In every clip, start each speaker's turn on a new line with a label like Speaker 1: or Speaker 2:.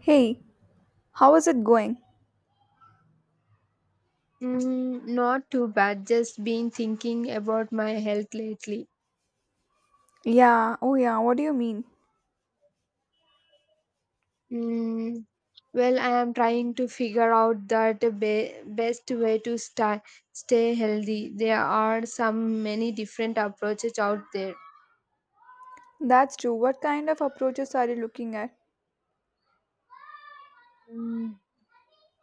Speaker 1: Hey, how is it going?
Speaker 2: Not too bad. Just been thinking about my health lately.
Speaker 1: Yeah, oh yeah, what do you mean?
Speaker 2: Mm, well, I am trying to figure out that best way to stay healthy. There are some many different approaches out there.
Speaker 1: That's true. What kind of approaches are you looking at?
Speaker 2: Mm,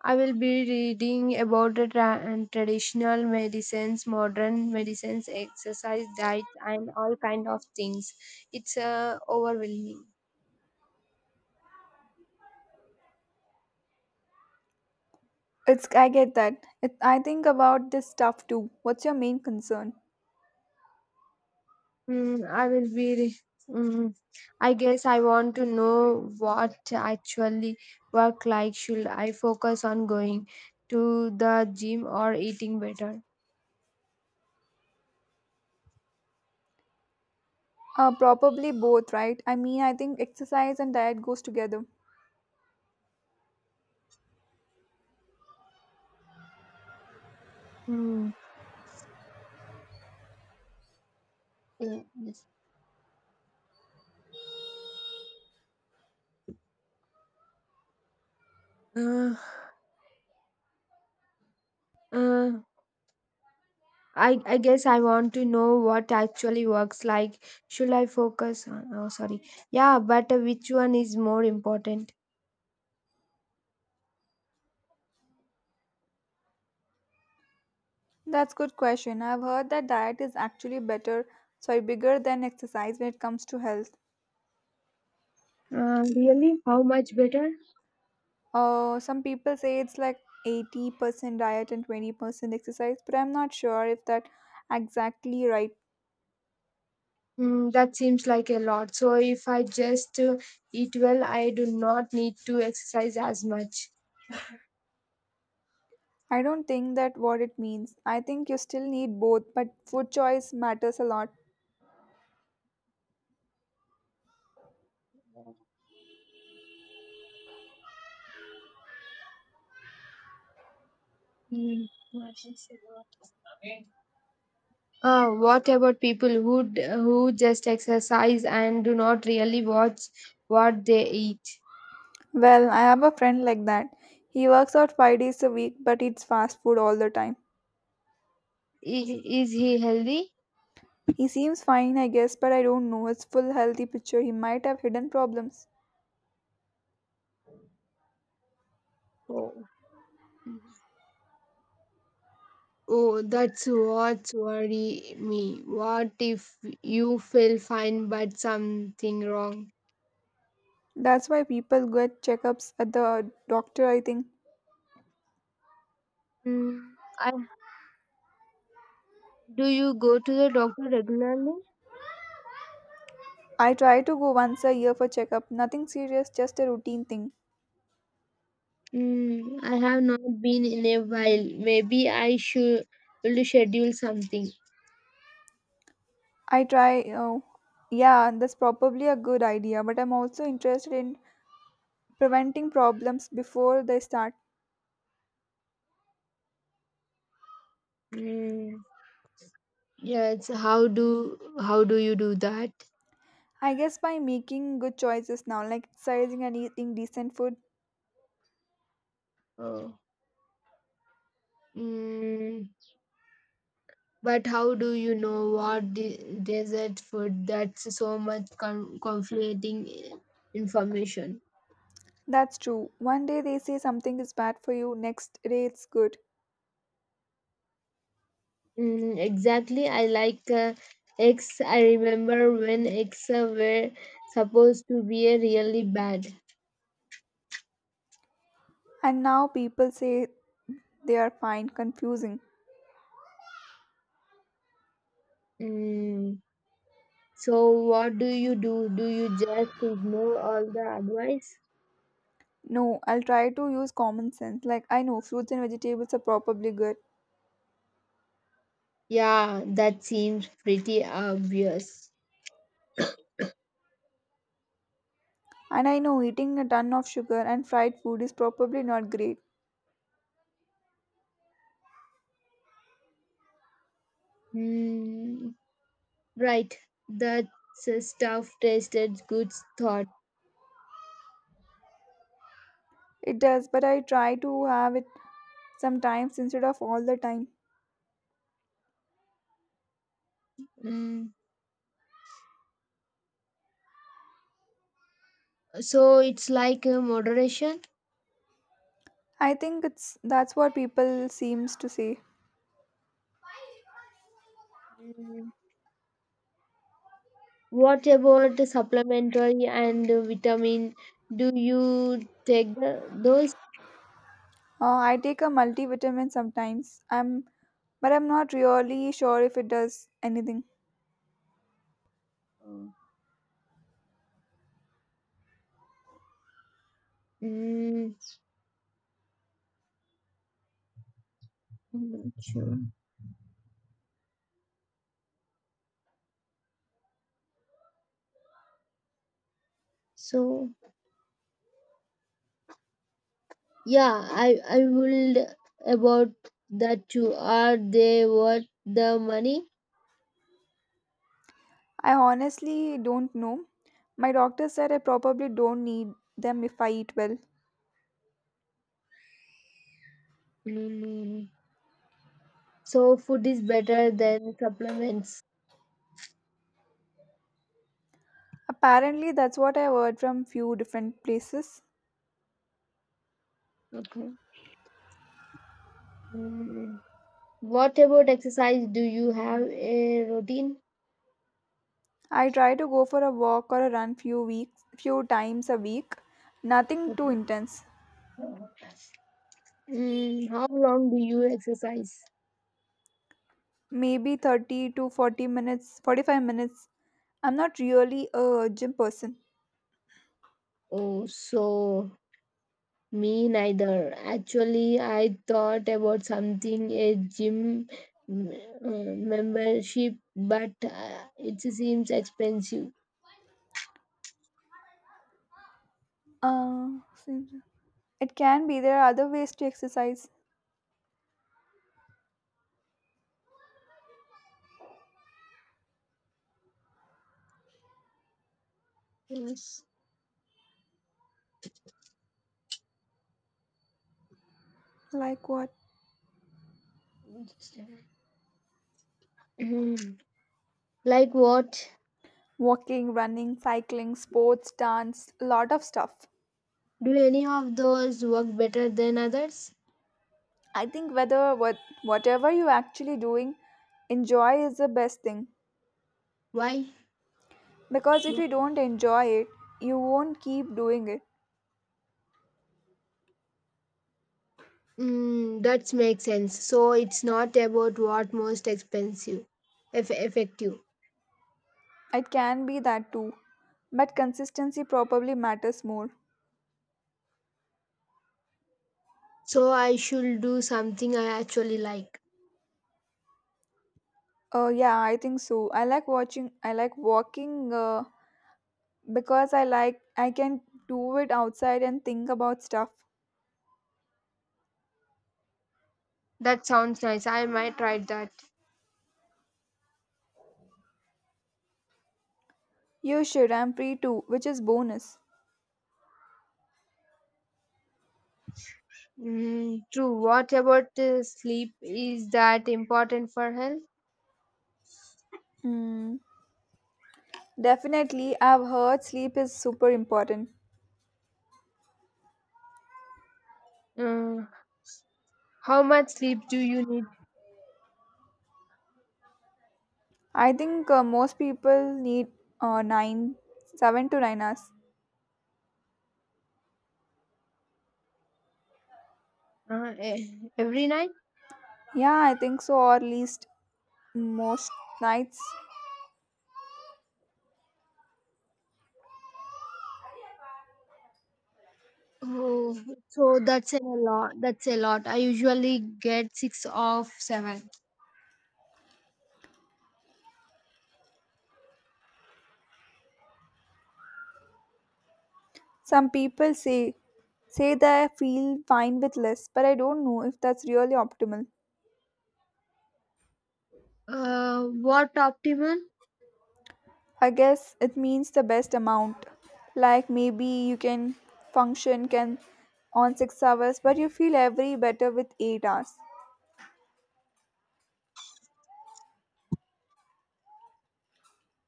Speaker 2: I will be reading about the tra- and traditional medicines, modern medicines, exercise, diet, and all kind of things. It's overwhelming.
Speaker 1: It's I get that. I think about this stuff too. What's your main concern?
Speaker 2: Mm, I will be. Re- mm, I guess I want to know what actually work like. Should I focus on going to the gym or eating better?
Speaker 1: Probably both, right? I mean, I think exercise and diet goes together.
Speaker 2: Mm. Yeah, yes. Uh, uh, I guess I want to know what actually works like. Should I focus on? Oh, sorry. Yeah, but which one is more important?
Speaker 1: That's good question. I've heard that diet is actually better, sorry, bigger than exercise when it comes to health.
Speaker 2: Really? How much better?
Speaker 1: Some people say it's like 80% diet and 20% exercise, but I'm not sure if that exactly right.
Speaker 2: Mm, that seems like a lot. So if I just eat well, I do not need to exercise as much.
Speaker 1: I don't think that what it means. I think you still need both, but food choice matters a lot.
Speaker 2: Mm. What about people who just exercise and do not really watch what they eat?
Speaker 1: Well, I have a friend like that. He works out 5 days a week but eats fast food all the time.
Speaker 2: Is, is he healthy?
Speaker 1: He seems fine, I guess, but I don't know his full healthy picture. He might have hidden problems.
Speaker 2: Oh. Oh, that's what's worry me. What if you feel fine but something wrong?
Speaker 1: That's why people get checkups at the doctor, I think.
Speaker 2: Mm, I, do you go to the doctor regularly?
Speaker 1: I try to go once a year for checkup. Nothing serious, just a routine thing.
Speaker 2: Mm, I have not been in a while. Maybe I should will schedule something.
Speaker 1: Oh, yeah, that's probably a good idea, but I'm also interested in preventing problems before they start.
Speaker 2: Mm, yes. How do you do that?
Speaker 1: I guess by making good choices now, like exercising and eating decent food.
Speaker 2: Oh. Mm, but how do you know what desert food? That's so much conflicting information.
Speaker 1: That's true. One day they say something is bad for you, next day it's good.
Speaker 2: Mm, exactly. I like eggs. I remember when eggs were supposed to be really bad.
Speaker 1: And now people say they are fine, confusing.
Speaker 2: Mm. So what do you do? Do you just ignore all the advice?
Speaker 1: No, I'll try to use common sense. Like, I know fruits and vegetables are probably good.
Speaker 2: Yeah, that seems pretty obvious.
Speaker 1: And I know eating a ton of sugar and fried food is probably not great.
Speaker 2: Hmm, right, that's a stuff tasted good thought.
Speaker 1: It does, but I try to have it sometimes instead of all the time.
Speaker 2: Hmm, so it's like a moderation.
Speaker 1: I think it's That's what people seems to say.
Speaker 2: Hmm. What about the supplementary and the vitamin? Do you take those?
Speaker 1: I take a multivitamin sometimes. But I'm not really sure if it does anything.
Speaker 2: Hmm. Hmm. So I would about that too. Are they worth the money?
Speaker 1: I honestly don't know. My doctor said I probably don't need them if I eat well.
Speaker 2: Mm, so food is better than supplements.
Speaker 1: Apparently, that's what I heard from few different places.
Speaker 2: Okay. Mm. What about exercise? Do you have a routine?
Speaker 1: I try to go for a walk or a run few times a week. Nothing
Speaker 2: Okay.
Speaker 1: too intense.
Speaker 2: Mm, how long do you exercise?
Speaker 1: Maybe 30 to 40 minutes, 45 minutes. I'm not really a gym person.
Speaker 2: Oh, so me neither. Actually, I thought about something a gym mm, membership, but it seems expensive.
Speaker 1: Uh, It can be. There are other ways to exercise.
Speaker 2: Yes.
Speaker 1: Like what?
Speaker 2: Mm. Like what?
Speaker 1: Walking, running, cycling, sports, dance, a lot of stuff.
Speaker 2: Do any of those work better than others?
Speaker 1: I think whatever you're actually doing, enjoy is the best thing.
Speaker 2: Why?
Speaker 1: Because if you don't enjoy it, you won't keep doing it.
Speaker 2: Mm, that makes sense. So it's not about what most expensive, effective.
Speaker 1: It can be that too. But consistency probably matters more.
Speaker 2: So I should do something I actually like.
Speaker 1: Yeah, I think so. I like walking because I can do it outside and think about stuff.
Speaker 2: That sounds nice. I might try that.
Speaker 1: You should. I'm free too, which is bonus.
Speaker 2: Mm, true. What about sleep? Is that important for health?
Speaker 1: Hmm. Definitely, I've heard sleep is super important.
Speaker 2: Uh, how much sleep do you need
Speaker 1: I think most people need uh, nine, 7 to 9 hours.
Speaker 2: every night?
Speaker 1: Yeah, I think so, or at least most nights.
Speaker 2: Oh, so that's a lot. That's a lot. I usually get six of seven.
Speaker 1: Some people say they feel fine with less, but I don't know if that's really optimal.
Speaker 2: What optimal?
Speaker 1: I guess it means the best amount. Like maybe you can function can on 6 hours, but you feel every better with 8 hours.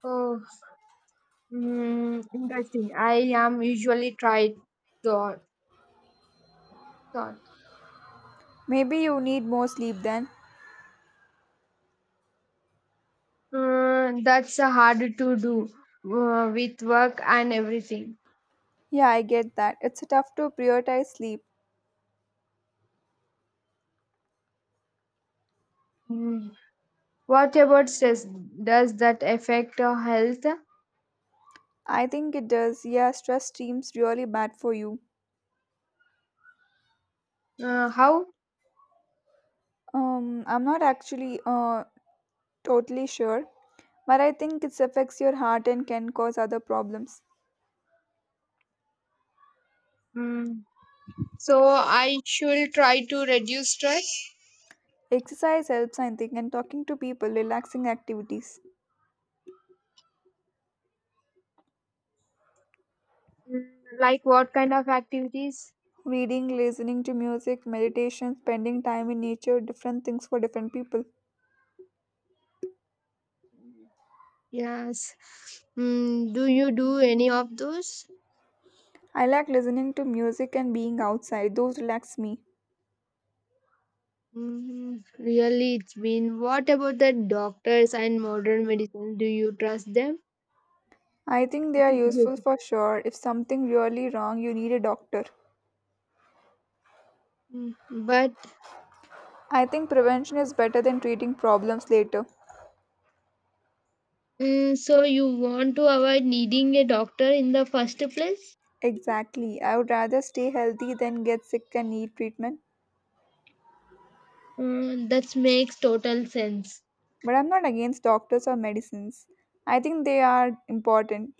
Speaker 2: Oh, mm, interesting. I am usually tried thought. thought.
Speaker 1: Maybe you need more sleep then.
Speaker 2: That's hard to do with work and everything.
Speaker 1: Yeah, I get that. It's tough to prioritize sleep.
Speaker 2: Mm, what about stress? Does that affect our health?
Speaker 1: I think it does. Yeah, stress seems really bad for you.
Speaker 2: How?
Speaker 1: I'm not actually totally sure, but I think it affects your heart and can cause other problems.
Speaker 2: Mm, so I should try to reduce stress.
Speaker 1: Exercise helps, I think, and talking to people, relaxing activities,
Speaker 2: Mm, like what kind of activities?
Speaker 1: reading, listening to music, meditation, spending time in nature, different things for different people.
Speaker 2: Yes. Mm, do you do any of those?
Speaker 1: I like listening to music and being outside. Those relax me.
Speaker 2: Mm, really, it's been. What about the doctors and modern medicine? Do you trust them?
Speaker 1: I think they are
Speaker 2: Yes.
Speaker 1: useful for sure. If something really wrong, you need a doctor.
Speaker 2: Mm, But
Speaker 1: I think prevention is better than treating problems later.
Speaker 2: so you want to avoid needing a doctor in the first place?
Speaker 1: Exactly. I would rather stay healthy than get sick and need treatment.
Speaker 2: Mm, that makes total sense.
Speaker 1: But I'm not against doctors or medicines. I think they are important,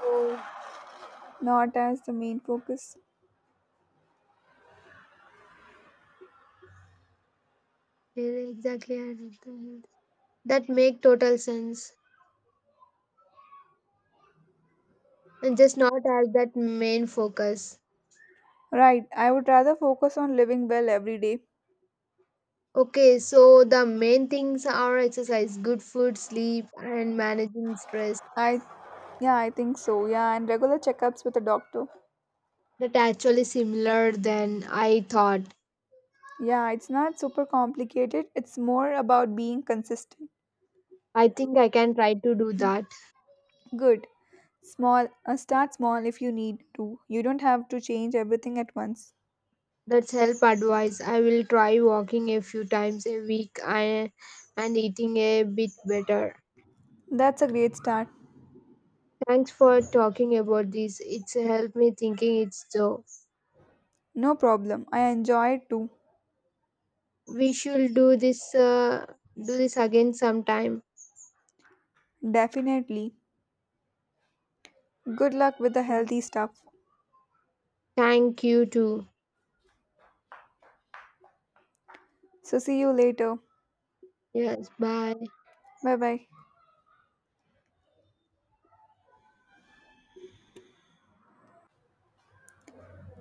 Speaker 2: Oh,
Speaker 1: not as the main focus.
Speaker 2: yeah, exactly. I did that. That make total sense, and just not as that main focus.
Speaker 1: Right. I would rather focus on living well every day.
Speaker 2: Okay, so the main things are exercise, good food, sleep, and managing stress.
Speaker 1: I Yeah, I think so. Yeah, and regular checkups with a doctor.
Speaker 2: That actually similar than I thought.
Speaker 1: Yeah, it's not super complicated. It's more about being consistent.
Speaker 2: I think I can try to do that.
Speaker 1: Good. Small, start small if you need to. You don't have to change everything at once.
Speaker 2: That's help advice. I will try walking a few times a week and eating a bit better.
Speaker 1: That's a great start.
Speaker 2: Thanks for talking about this. It's helped me thinking it's so.
Speaker 1: No problem. I enjoy it too.
Speaker 2: We should do this do this again sometime.
Speaker 1: Definitely. Good luck with the healthy stuff.
Speaker 2: Thank you too.
Speaker 1: So see you later.
Speaker 2: Yes, bye.
Speaker 1: Bye bye.